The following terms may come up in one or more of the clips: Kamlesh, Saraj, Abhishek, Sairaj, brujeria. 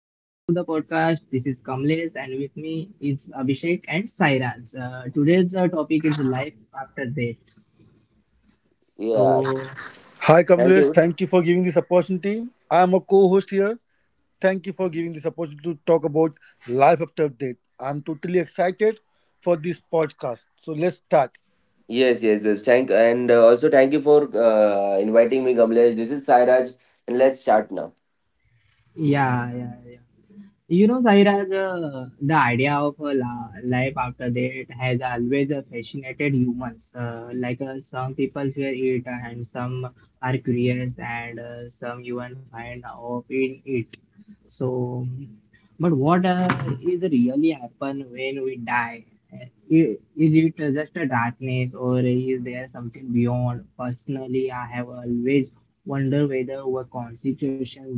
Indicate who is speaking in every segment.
Speaker 1: welcome to the podcast. This is Kamlesh and with me is Abhishek and Sairaj. Today's topic is life after death.
Speaker 2: Yeah,
Speaker 1: So
Speaker 3: Hi
Speaker 2: thank
Speaker 3: Kamlesh,
Speaker 2: you.
Speaker 3: thank you for giving this opportunity. I am a co-host here. Thank you for giving this opportunity to talk about life after death. I'm totally excited for this podcast. So let's start.
Speaker 2: Yes, yes, yes. Thank and also thank you for inviting me, Kamlesh. This is Sairaj, and let's start now.
Speaker 1: yeah, yeah, yeah. You know, Sairaj, the idea of life after death has always fascinated humans. Some people fear it, and some are curious, and some even find hope in it. So, but what is really happen when we die? Uh, Is it just a darkness or is there something beyond? Personally, I have always wondered whether our constitution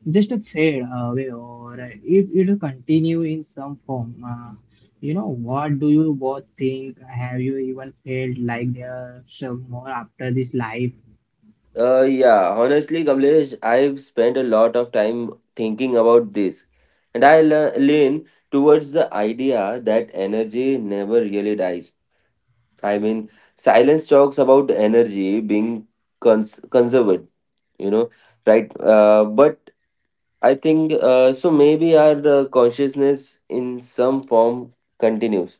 Speaker 1: just a fade away or if it will continue in some form. You know, what do you both think? Have you even felt like there's some more after this life?
Speaker 2: Yeah, honestly, Kamlesh, I've spent a lot of time thinking about this, and I lean towards the idea that energy never really dies. I mean, silence talks about energy being conserved, you know, right? But I think. Maybe our consciousness in some form continues.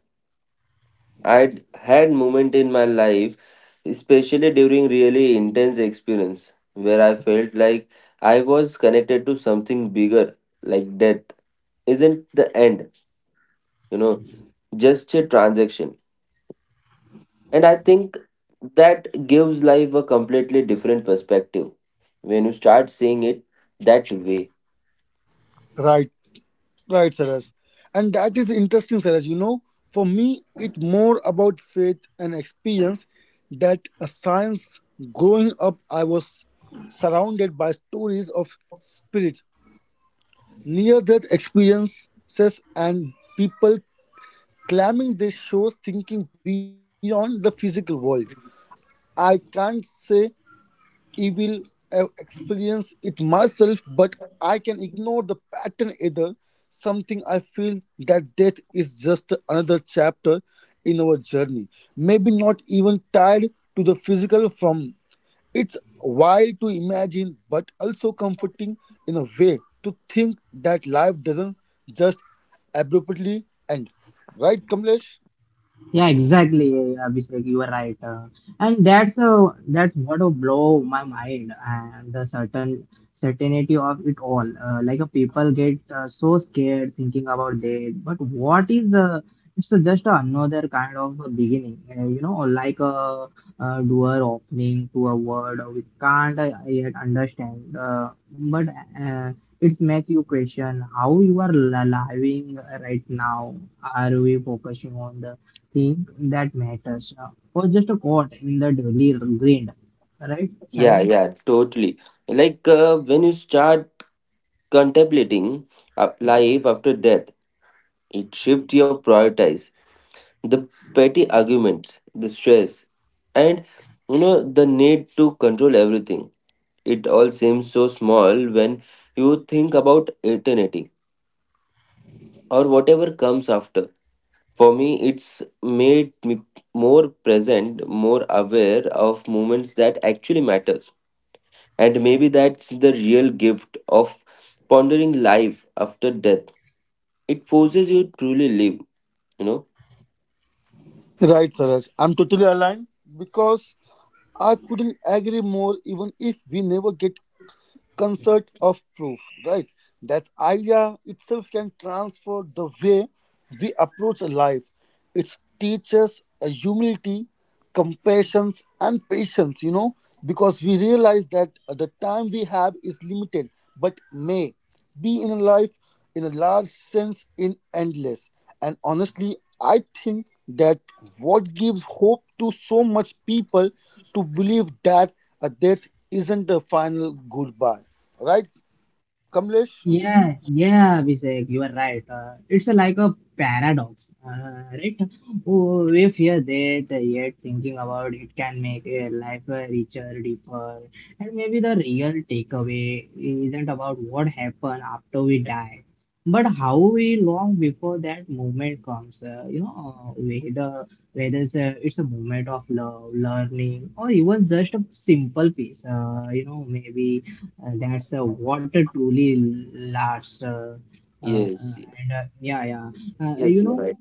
Speaker 2: I'd had moment in my life, especially during really intense experience, where I felt like I was connected to something bigger, like death isn't the end, you know, just a transaction. And I think that gives life a completely different perspective when you start seeing it that way.
Speaker 3: Right, right, Saraj. And that is interesting, Saraj. You know, for me, it's more about faith and experience that a science. Growing up, I was surrounded by stories of spirit, near-death experiences, and people claiming this shows thinking beyond the physical world. I can't say I will experience it myself, but I can ignore the pattern either. Something I feel that death is just another chapter in our journey, maybe not even tied to the physical form. It's wild to imagine, but also comforting in a way to think that life doesn't just abruptly end. Right, Kamlesh?
Speaker 1: Yeah, exactly, Abhishek. You are right, and that's what will blow my mind and the certainty of it all. People get so scared thinking about death, but what is it's just another kind of a beginning, you know, a door opening to a world we can't yet understand, but uh, it's make you question how you are living right now. Are we focusing on the thing that matters or just a quote in the daily grind, right,
Speaker 2: Yeah,
Speaker 1: Shira?
Speaker 2: yeah, totally. When you start contemplating life after death, it shifts your priorities, the petty arguments, the stress, and you know the need to control everything. It all seems so small when you think about eternity or whatever comes after. For me, it's made me more present, more aware of moments that actually matters, and maybe that's the real gift of pondering life after death. It forces you to truly live, you know.
Speaker 3: Right, Saraj. I'm totally aligned because I couldn't agree more even if we never get concert of proof, right? That idea itself can transfer the way we approach life. It teaches a humility, compassion, and patience, you know, because we realize that the time we have is limited, but may. Be in a life, in a large sense, in endless. And honestly, I think that what gives hope to so much people to believe that a death isn't the final goodbye. Right, Kamlesh?
Speaker 1: Yeah, yeah, Abhishek, you are right. It's like a paradox, right? Oh, we fear that, yet thinking about it can make a life richer, deeper. And maybe the real takeaway isn't about what happened after we die, but how we long before that moment comes. You know, whether it's a moment of love, learning, or even just a simple peace. You know, maybe that's water truly lasts.
Speaker 2: Yes,
Speaker 1: And Yeah, yeah. Uh, you
Speaker 2: yes, you're
Speaker 1: know,
Speaker 2: right.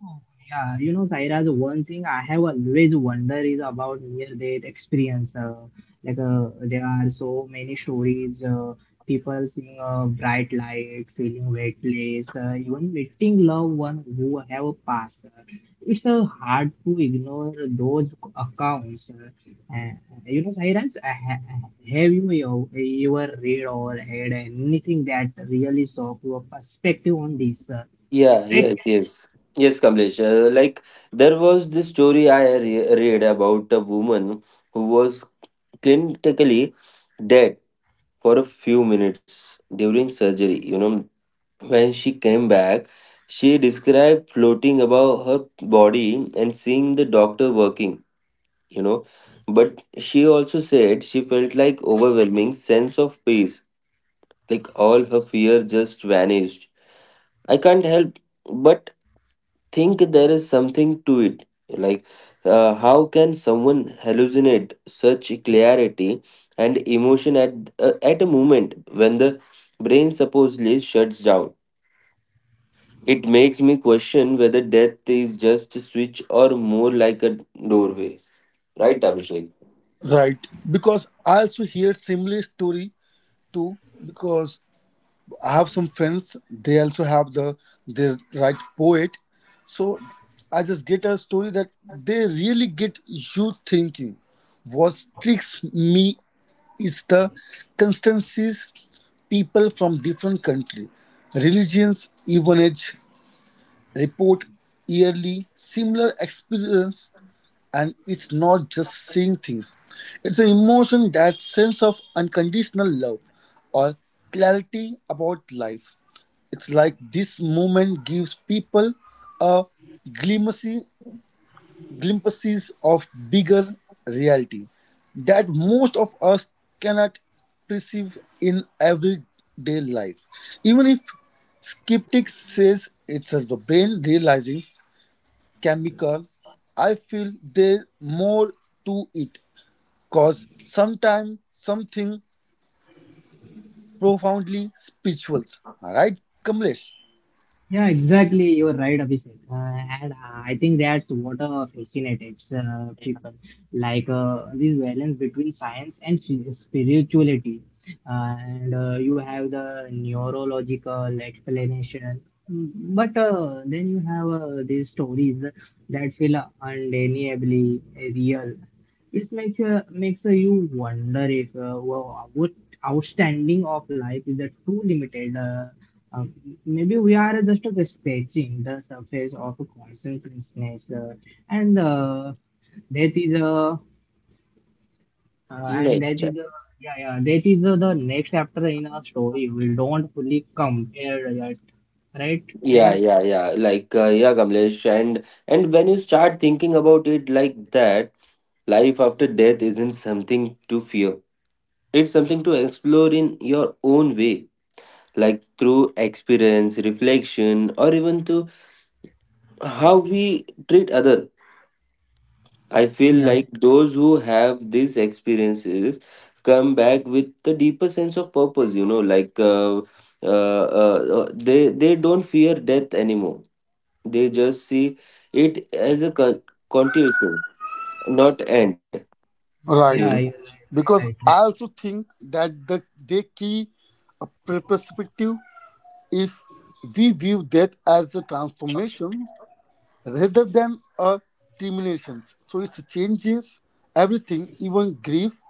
Speaker 1: yeah, you know, Saira, the one thing I have always wondered is about near-death experience. There are so many stories, people seeing a bright light, feeling weightless, even meeting loved one who have passed. It's hard to ignore those accounts. Uh, you know, Sairaj, have your read or had anything that really saw your perspective on this?
Speaker 2: Yeah,
Speaker 1: Right?
Speaker 2: yes, yes. Yes, Kamlesh. Like, there was this story I read about a woman who was clinically dead for a few minutes during surgery. You know, when she came back, she described floating above her body and seeing the doctor working, you know. But she also said she felt like overwhelming sense of peace. Like all her fear just vanished. I can't help but think there is something to it. Like, how can someone hallucinate such clarity and emotion at a moment when the brain supposedly shuts down? It makes me question whether death is just a switch or more like a doorway. Right, Abhishek?
Speaker 3: Right, because I also hear similar story too. Because I have some friends, they also have the they write poet. So I just get a story that they really get you thinking. What tricks me is the constancies people from different country, religions, even age, report yearly similar experience, and it's not just seeing things, it's an emotion, that sense of unconditional love or clarity about life. It's like this moment gives people a glimpses glimpses of bigger reality that most of us cannot perceive in everyday life, even if skeptics says it's the brain realizing chemical. I feel there's more to it, cause sometimes something profoundly spiritual. Right, Kamlesh?
Speaker 1: Yeah, exactly. You are right, Abhishek. And I think that's what fascinates people, this balance between science and spirituality. And you have the neurological explanation, but then you have these stories that feel undeniably real. Makes you wonder if wow, what outstanding of life is a too limited. Uh, maybe we are just scratching the surface of consciousness, and that is and
Speaker 2: Next
Speaker 1: that
Speaker 2: step.
Speaker 1: is yeah yeah that is the next chapter in our story. We don't fully come compare yet, right? There
Speaker 2: Yeah,
Speaker 1: are,
Speaker 2: yeah, yeah. Like, yeah, Kamlesh. And when you start thinking about it like that, life after death isn't something to fear, it's something to explore in your own way, like through experience, reflection, or even to how we treat others. I feel
Speaker 1: yeah
Speaker 2: like those who have these experiences come back with the deeper sense of purpose, you know, they, don't fear death anymore. They just see it as a continuation, not end, you
Speaker 3: Right.
Speaker 2: know.
Speaker 1: yeah you're right.
Speaker 3: Because
Speaker 1: right,
Speaker 3: I
Speaker 1: right.
Speaker 3: also think that the, they key a perspective if we view death as a transformation rather than a termination. So it changes everything, even grief.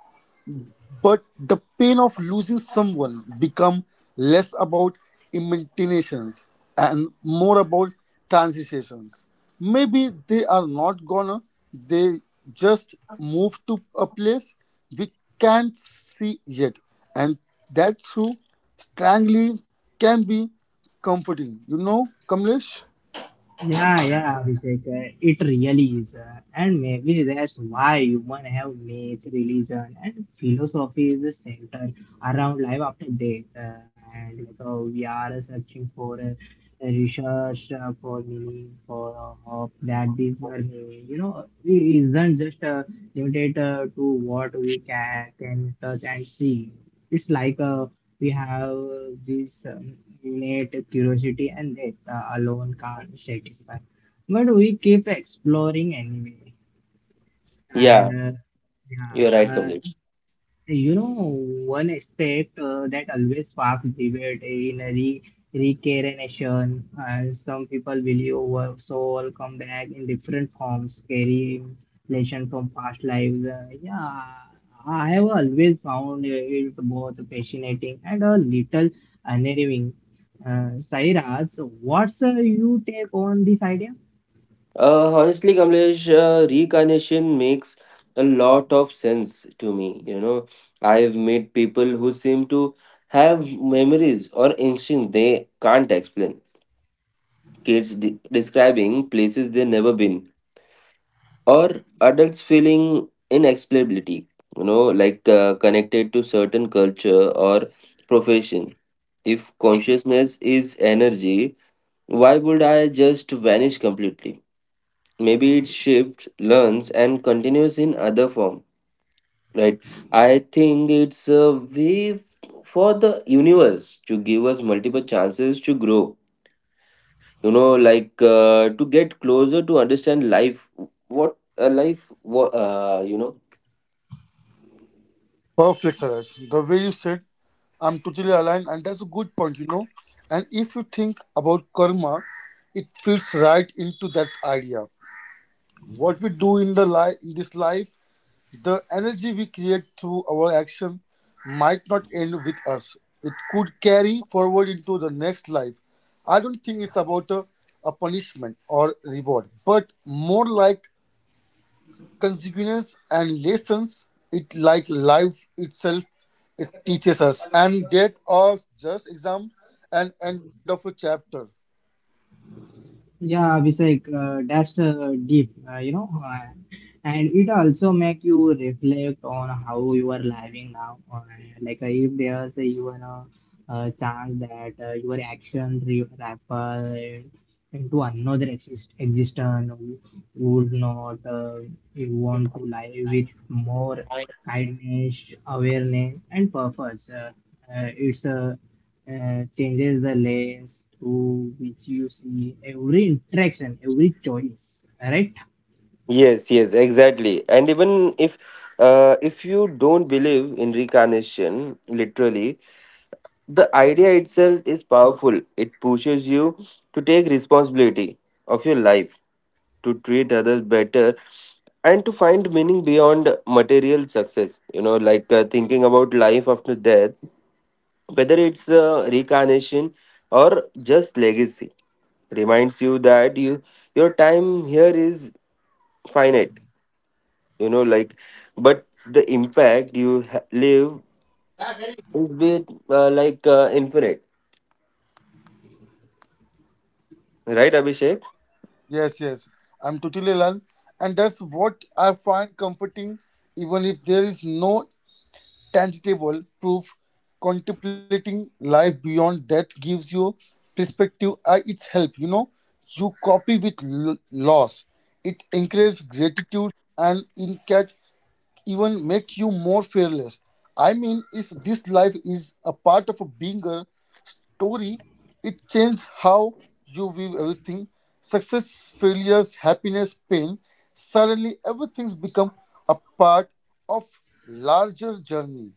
Speaker 3: But the pain of losing someone become less about imaginations and more about transitions. Maybe they are not gonna, they just move to a place we can't see yet. And that through strangling can be comforting. You know, Kamlesh?
Speaker 1: Yeah, yeah, Abhishek. It really is. And maybe that's why human have made religion and philosophy is the center around life after death. And like, we are searching for a research, for meaning, for hope that this journey, you know, it isn't just limited to what we can touch and see. It's like a we have this innate curiosity and that alone can't satisfy but we keep exploring anyway and
Speaker 2: Yeah,
Speaker 1: uh,
Speaker 2: you're
Speaker 1: yeah
Speaker 2: right,
Speaker 1: uh,
Speaker 2: Kamlesh.
Speaker 1: you know, one aspect that always sparks debate in a re reincarnation, and some people believe our soul come back in different forms, carrying lesson from past lives. Yeah, I have always found it both fascinating and a little unnerving. Sairaj, so what's you take on this idea?
Speaker 2: Honestly, Kamlesh, reincarnation makes a lot of sense to me. You know, I've met people who seem to have memories or instinct they can't explain. Kids describing places they never been, or adults feeling inexplicability. You know, like connected to certain culture or profession. If consciousness is energy, why would I just vanish completely? Maybe it shifts learns and continues in other form. Right, I think it's a way for the universe to give us multiple chances to grow, you know, like to get closer to understand life. What a life what You know,
Speaker 3: Perfect, Saraj. The way you said, I'm totally aligned, and that's a good point, you know. And if you think about karma, it fits right into that idea. What we do in the life in this life, the energy we create through our action might not end with us. It could carry forward into the next life. I don't think it's about a punishment or reward, but more like consequences and lessons, it like life itself, it teaches us, and that or just exam and end of a chapter.
Speaker 1: Yeah, Abhishek, that's deep, you know, and it also make you reflect on how you are living now, or if even a chance that your action ripple into another existence, you would not you want to live with more kindness, awareness, and purpose. It's changes the lens through which you see every interaction, every choice, right?
Speaker 2: yes, yes, exactly. And even if you don't believe in reincarnation literally, the idea itself is powerful. It pushes you to take responsibility of your life, to treat others better, and to find meaning beyond material success. You know, like thinking about life after death, whether it's reincarnation or just legacy, reminds you that your time here is finite. You know, like, but the impact you live is with like infinite.
Speaker 3: Right, Saraj?
Speaker 2: Right,
Speaker 3: The way you
Speaker 2: Abhishek?
Speaker 3: said, yes, yes, I'm totally aligned, and that's what I find comforting. Even if there is no tangible proof, contemplating life beyond death gives you perspective. I it's help, you know, you copy with loss. It encourages gratitude and insight, even make you more fearless. I mean, if this life is a part of a bigger story, it changes how you view everything. Success, failures, happiness, pain. Suddenly, everything's become a part of larger journey.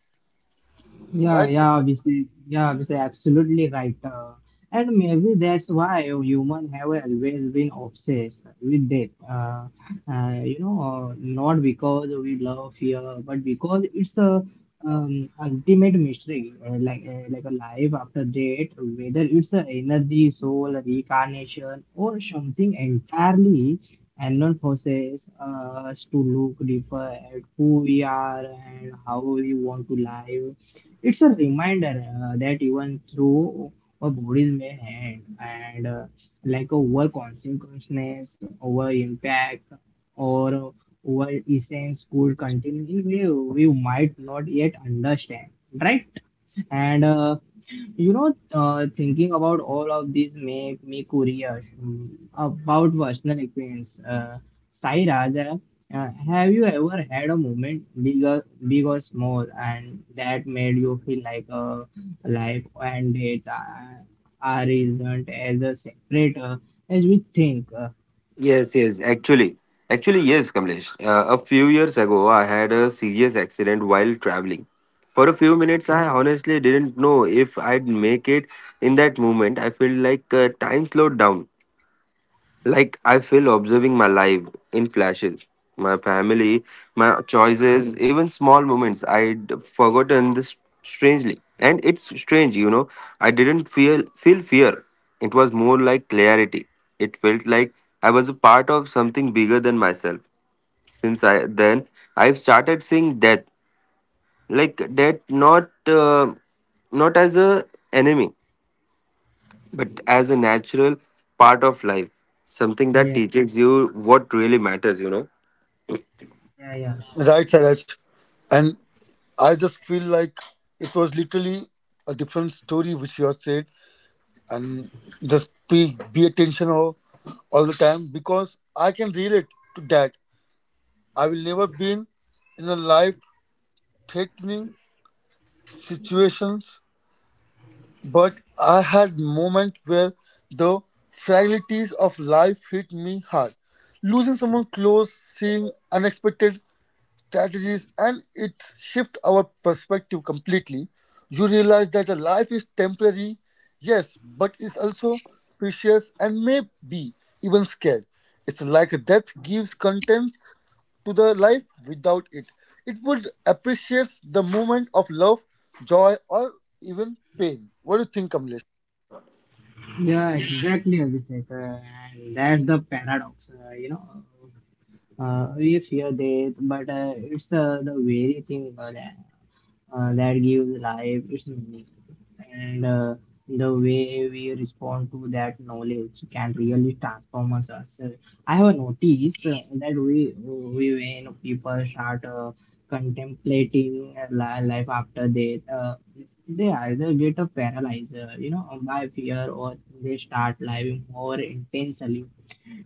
Speaker 1: Yeah,
Speaker 3: Right?
Speaker 1: yeah, obviously, absolutely right. And maybe that's why humans have always been obsessed with death. You know, not because we love fear, but because it's a ultimate mystery, like a life after death, whether it's a energy, soul, reincarnation, or something entirely unknown forces us to look deeper at who we are and how we want to live. It's a reminder that even through our bodies may end, and like over consequences, over impact, or over essence could continue. We might not yet understand, right? And you know, thinking about all of these make me curious about personal experience. Sai Raja, have you ever had a moment, big or small, and that made you feel like life and death are isn't as a separate as we think?
Speaker 2: Yes, yes, actually. Actually, yes, Kamlesh. A few years ago, I had a serious accident while traveling. For a few minutes, I honestly didn't know if I'd make it. In that moment, I felt like time slowed down. Like I feel observing my life in flashes, my family, my choices, even small moments I'd forgotten this strangely. And it's strange, you know. I didn't feel fear. It was more like clarity. It felt like I was a part of something bigger than myself. Since I then I've started seeing death, like death not uh, not as a enemy but as a natural part of life, something that
Speaker 1: Yeah,
Speaker 2: teaches you what really matters, you know.
Speaker 1: yeah, yeah.
Speaker 3: Right, Saraj. And I just feel like it was literally a different story which you have said. And just be attentional all the time because I can relate to that. I will never been in a life threatening situations, but I had moment where the fragilities of life hit me hard. Losing someone close, seeing unexpected strategies, and it shifts our perspective completely. You realize that a life is temporary, yes, but it's also precious and may be even scared. It's like death gives contents to the life. Without it, it would appreciate the moment of love, joy, or even pain. What do you think, Kamlesh?
Speaker 1: Yeah, exactly, Abhishek. And that's the paradox, you know. We fear death, but it's the very thing that gives life its meaning. And the way we respond to that knowledge can really transform us. I have noticed that we when people start contemplating life after death, they either get a paralyzer, you know, by fear, or they start living more intensely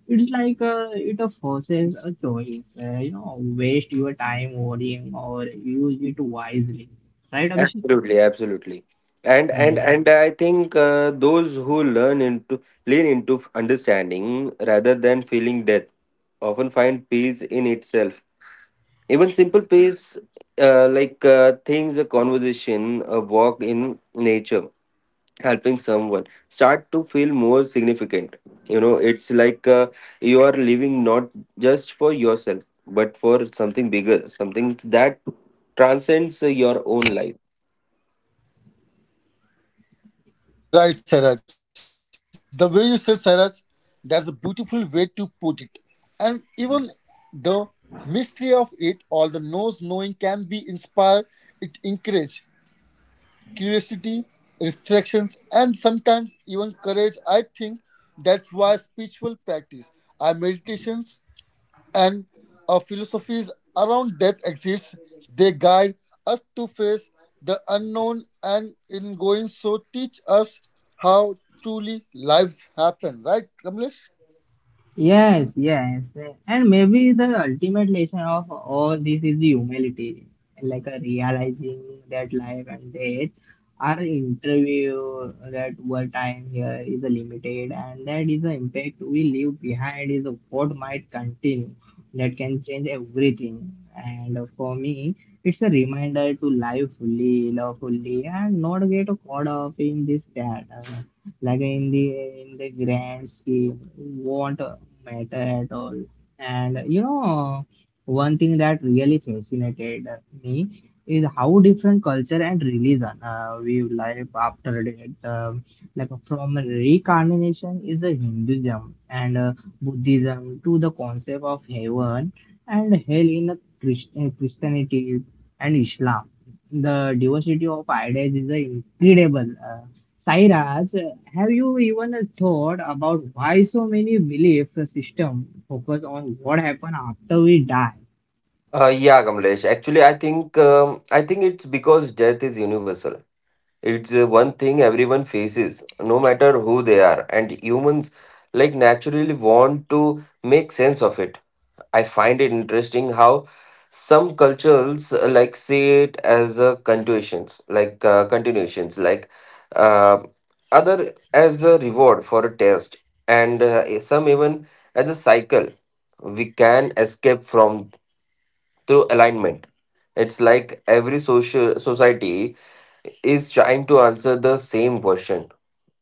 Speaker 1: it's like it forces a choice. You know, waste your time worrying or use it wisely. Right, Abhishek?
Speaker 2: Absolutely, absolutely. And
Speaker 1: Yeah, yeah.
Speaker 2: and and I think those who learn into lean into understanding rather than feeling death often find peace in itself. Even simple peace, like things, a conversation, a walk in nature, helping someone start to feel more significant. You know, it's like you are living not just for yourself but for something bigger, something that transcends your own life.
Speaker 3: Right, Saraj. The way you said, Saraj, that's a beautiful way to put it. And even the mystery of it all, the knows knowing can be inspired, it encourage curiosity, reflections, and sometimes even courage. I think that's why spiritual practice, our meditations and philosophies around death exists. They guide us to face the unknown, and in going so teach us how truly lives happen. Right, Kamlesh?
Speaker 1: Yes, yes. And maybe the ultimate lesson of all this is humility, like a realizing that life and death are interview that what time here is a limited and that is the impact we leave behind is what might continue that can change everything. And for me, it's a reminder to live fully, love fully, and not get caught up in this that like in the grand scheme won't matter at all and you know one thing that really fascinated me is how different culture and religion view life after death like from reincarnation is the hinduism and buddhism to the concept of heaven and hell in the christianity and islam the diversity of ideas is incredible. Sairaj, have you even thought about why so many belief systems focus on what happens after we die?
Speaker 2: Yeah, Kamlesh, actually I think it's because death is universal. It's one thing everyone faces, no matter who they are, and humans like naturally want to make sense of it. I find it interesting how some cultures like see it as a continuations, like uh, other as a reward for a test, and some even as a cycle we can escape from through alignment. It's like every social society is trying to answer the same question: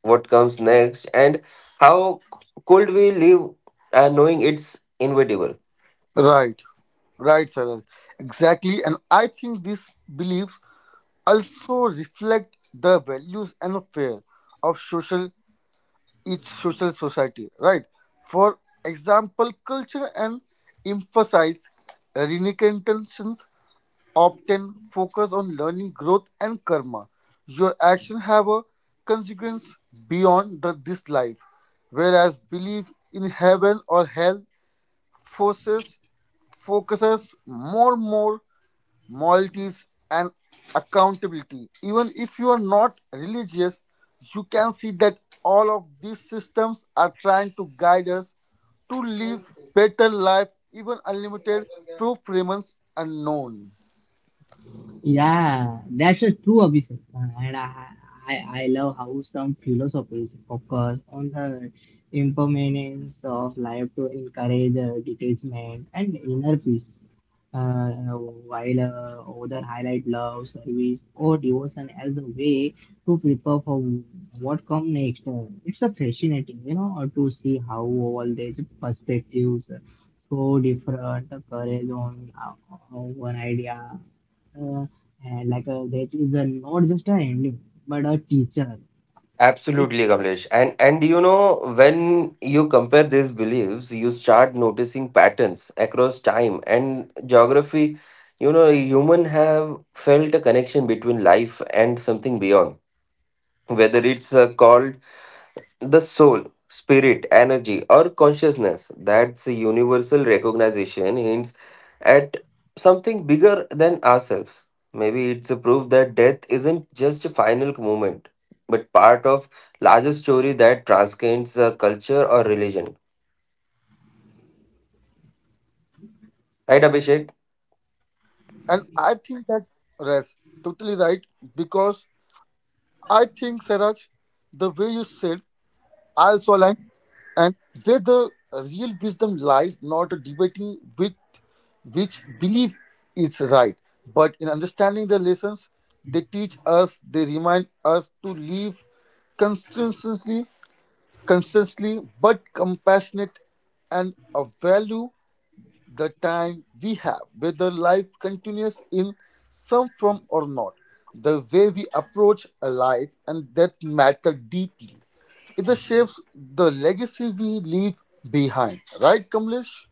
Speaker 2: what comes next, and how could we live, knowing it's inevitable.
Speaker 3: Right, right, Sarah. Exactly. And I think these beliefs also reflect the values and fear of social each social society. Right. For example, culture and emphasize renunciations. Often focus on learning, growth, and karma. Your actions have a consequence beyond this life, whereas belief in heaven or hell forces focuses more moralities and accountability. Even if you are not religious, you can see that all of these systems are trying to guide us to live better life. Even unlimited proof remains unknown.
Speaker 1: Yeah, that's a true Abhishek. And I love how some philosophies focus on the impermanence of life to encourage detachment and inner peace, uh, while others highlight love, service, or devotion as a way to prepare for what come next. It's a fascinating, you know, to see how all these perspectives so different, courage on one idea uh, and that is a, not just a ending but a teacher right.
Speaker 2: Absolutely, Kamlesh. And you know, when you compare these beliefs, you start noticing patterns across time and geography. You know, human have felt a connection between life and something beyond. Whether it's a call the soul, spirit, energy, or consciousness, that's a universal recognition, hints at something bigger than ourselves. Maybe it's a proof that death isn't just a final moment, but part of larger story that transcends culture or religion.
Speaker 3: Right, Saraj, right. And I
Speaker 2: Right,
Speaker 3: think that
Speaker 2: Abhishek?
Speaker 3: res, totally right, because I think Saraj, the way you said, I also align, and where the real wisdom lies, not debating with which belief is right, but in understanding the lessons they teach us. They remind us to live consistently, consistently, but compassionate, and a value the time we have, whether life continues in some form or not. The way we approach a life and death matter deeply. It shapes the legacy we leave behind. Right, Kamlesh?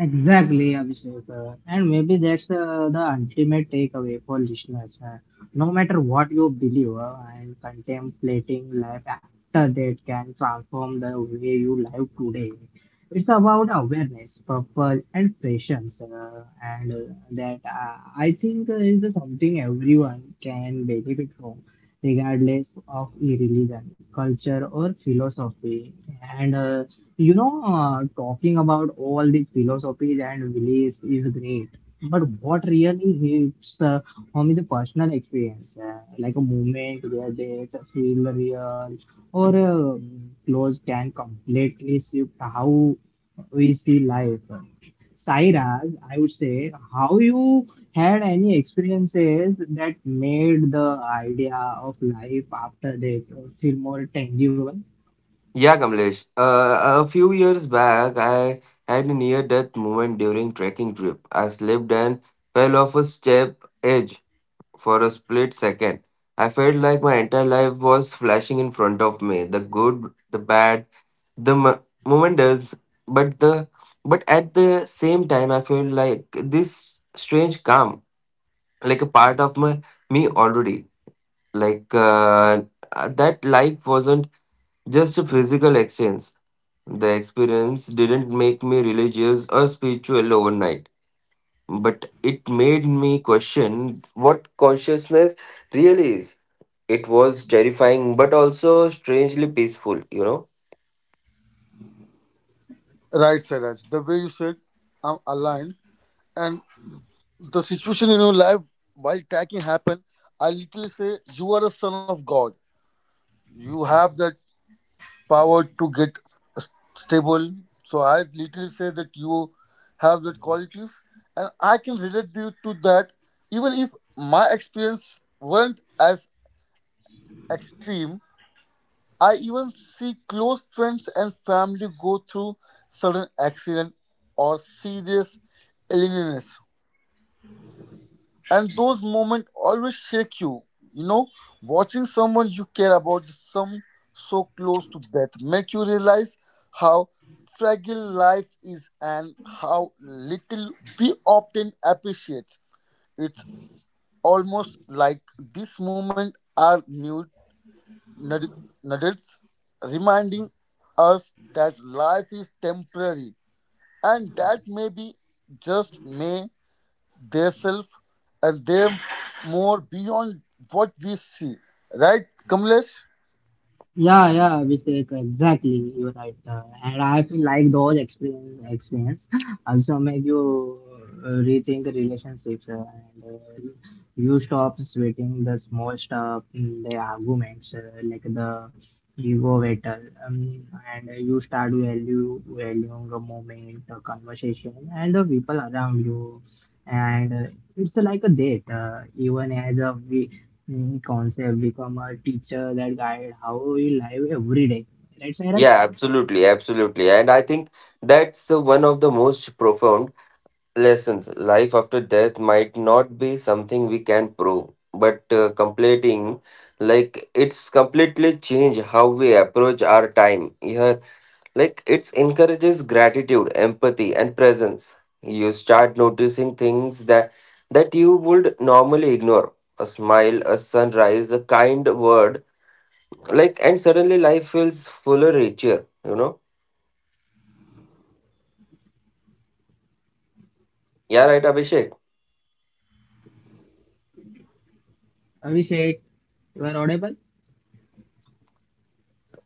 Speaker 1: Exactly, Abhishek. And maybe that's the ultimate takeaway for listeners. No matter what you believe, and contemplating life after that can transform the way you live today. It's about awareness, purpose, and patience. And that I think is something everyone can benefit from, regardless of religion, culture, or philosophy. And you know, talking about all these philosophies and beliefs is great, but what really hits home is a personal experience, like a moment where they feel real or close can completely shift how we see life. Sairaj, I would say, how you had any experiences that made the idea of life after death feel more tangible?
Speaker 2: Yeah, Kamlesh. A few years back, I had a near-death moment during trekking trip. I slipped and fell off a steep edge. For a split second, I felt like my entire life was flashing in front of me. The good, the bad, the momentous, but the but at the same time, I felt like this strange calm, like a part of my me already. Like, that life wasn't just a physical exchange. The experience didn't make me religious or spiritual overnight, but it made me question what consciousness really is. It was terrifying, but also strangely peaceful, you know?
Speaker 3: Right, Saraj. The way you said, I'm aligned. And the situation in your life while tracking happened, I literally say, you are a son of God. You have that power to get stable. So I literally say that you have that qualities, and I can relate you to that. Even if my experience weren't as extreme, I even see close friends and family go through sudden accident or serious illness. And those moments always shake you, you know, watching someone you care about some so close to death make you realize how fragile life is and how little we often appreciate. It's almost like this moment are new nugg- nuggets reminding us that life is temporary and that maybe just may themselves and them more beyond what we see. Right, Kamlesh?
Speaker 1: Yeah, yeah, Abhishek, exactly. You're right. And I feel like those experience also make you rethink relationships and you stop sweating the small stuff, the arguments, like the ego battle, and you start value valuing the moment, the conversation, and the people around you. And it's like a date, even as a we concept become a teacher that guide how we live every day right Sairaj.
Speaker 2: Yeah, absolutely, absolutely. And I think that's one of the most profound lessons. Life after death might not be something we can prove, but it's completely change how we approach our time here. Like, it encourages gratitude, empathy, and presence. You start noticing things that you would normally ignore. A smile, a sunrise, a kind word. Like, and suddenly life feels fuller, richer, you know? Yeah, right, Abhishek.
Speaker 1: Abhishek you are audible.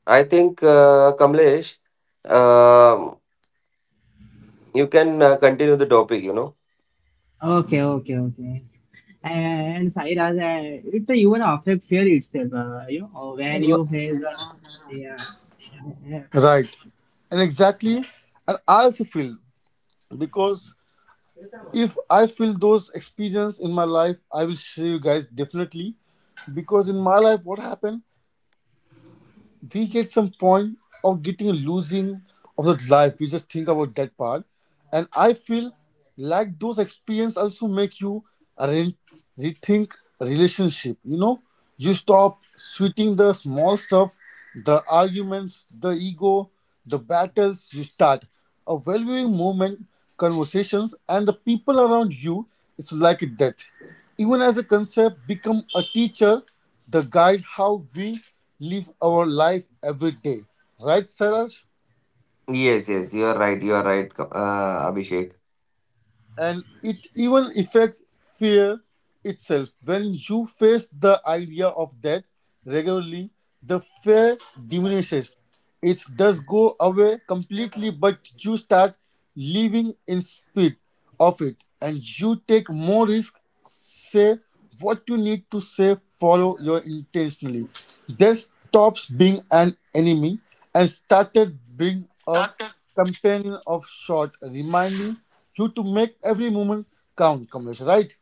Speaker 2: I think, Kamlesh, um you can continue the topic, you know?
Speaker 1: Okay, okay, okay. And Sairaj it's a even affect fear itself you know when
Speaker 3: R-
Speaker 1: you face the yeah yeah.
Speaker 3: Right. And exactly, and I also feel because if I feel those experience in my life, I will share you guys definitely. Because in my life, what happened? We get some point of getting losing of that life. We just think about that part, and I feel like those experience also make you re- rethink relationship. You know, you stop sweating the small stuff, the arguments, the ego, the battles. You start a valuing moment, conversations, and the people around you. It's like death. Even as a concept, become a teacher, the guide how we live our life every day. Right, Saraj?
Speaker 2: Yes, yes, you are right, Abhishek.
Speaker 3: And it even affects fear itself. When you face the idea of death regularly, the fear diminishes. It does go away completely, but you start living in spite of it, and you take more risk, say what you need to say, follow your intentionally. That stops being an enemy and started being a companion of sort, reminding you to make every moment count, Kamesh, right?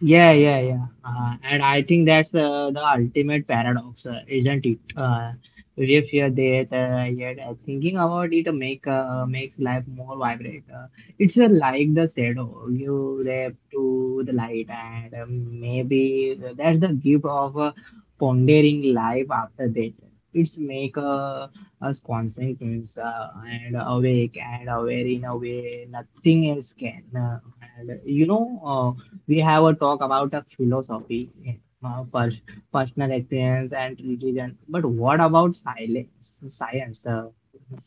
Speaker 1: Yeah, yeah, yeah. And I think that's the ultimate paradox, isn't it? If you're there, yet thinking about it makes life more vibrant. It's like the shadow you left to the light, and maybe that's the gift of pondering life after that. It's make us constant and awake and aware in a way nothing else can. And you know. We have a talk about a philosophy, uh, pers- personal experience, and religion. But what about silence, science? Uh,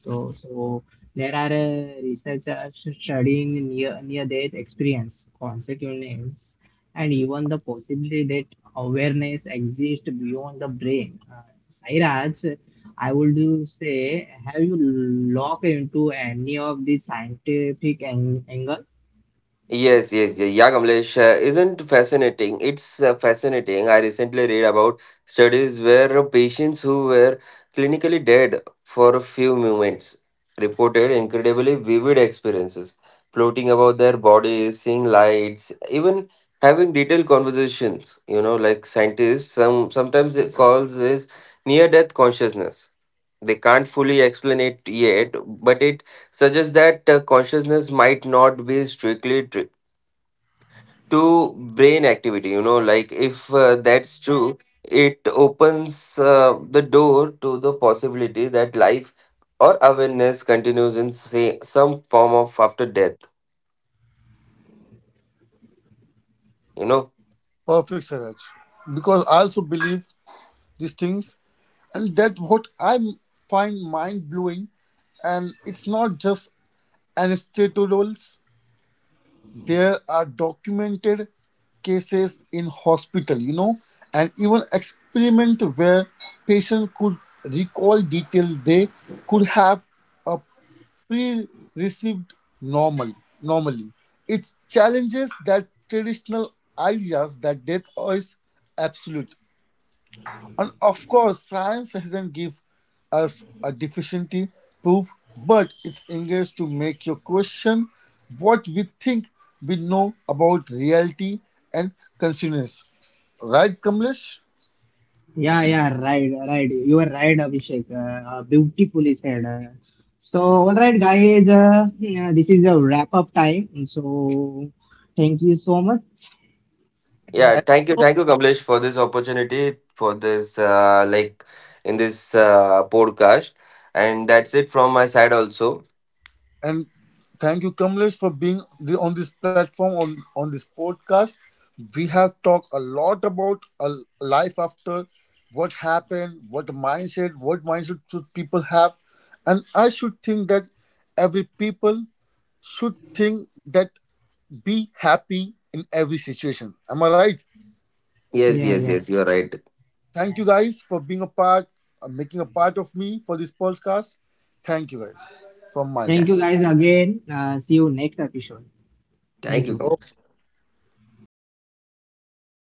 Speaker 1: so, so there are researchers studying near death experience, consequences, and even the possibility that awareness exists beyond the brain. Sairaj, I would say, have you looked into any of the scientific angle?
Speaker 2: Yes, yes, yes. Yeah, Kamlesh, isn't fascinating. It's fascinating. I recently read about studies where patients who were clinically dead for a few moments reported incredibly vivid experiences, floating about their bodies, seeing lights, even having detailed conversations. You know, like scientists, sometimes it calls this near-death consciousness. They can't fully explain it yet, but it suggests that consciousness might not be strictly to brain activity. You know, like if that's true, it opens the door to the possibility that life or awareness continues in say some form of after death, you know.
Speaker 3: Perfect, Saraj. Because I also believe these things, and that what I find mind blowing, and it's not just anecdotal. There are documented cases in hospital, you know, and even experiment where patient could recall details they could have a pre-received normal normally. It challenges that traditional ideas that death is absolute. And of course, science hasn't give us a deficiency proof, but it's engaged to make you question what we think we know about reality and consciousness. Right, Kamlesh?
Speaker 1: Yeah, yeah, right, right. You are right, Abhishek. Beautifully said. So, all right, guys, yeah, this is a wrap up time. So, thank you so much.
Speaker 2: Yeah,
Speaker 3: And,
Speaker 2: thank you, Kamlesh, for this opportunity, for this like in this podcast, and that's it from my side also.
Speaker 3: and thank you, Kamlesh, for being on this platform, on this podcast. We have talked a lot about a life after, what happened, what mindset should people have. And I should think that every people should think that be happy in every situation. Am I right?
Speaker 2: Yes,
Speaker 1: Yeah,
Speaker 2: yes,
Speaker 1: yeah.
Speaker 2: yes, you are right.
Speaker 3: Thank you guys for being a part, making a part of me for this podcast. Thank you guys from my
Speaker 1: Thank
Speaker 3: side.
Speaker 2: Yeah,
Speaker 1: you, guys, again. See you next episode. Thank
Speaker 2: thank you,
Speaker 1: you.
Speaker 2: Kamlesh.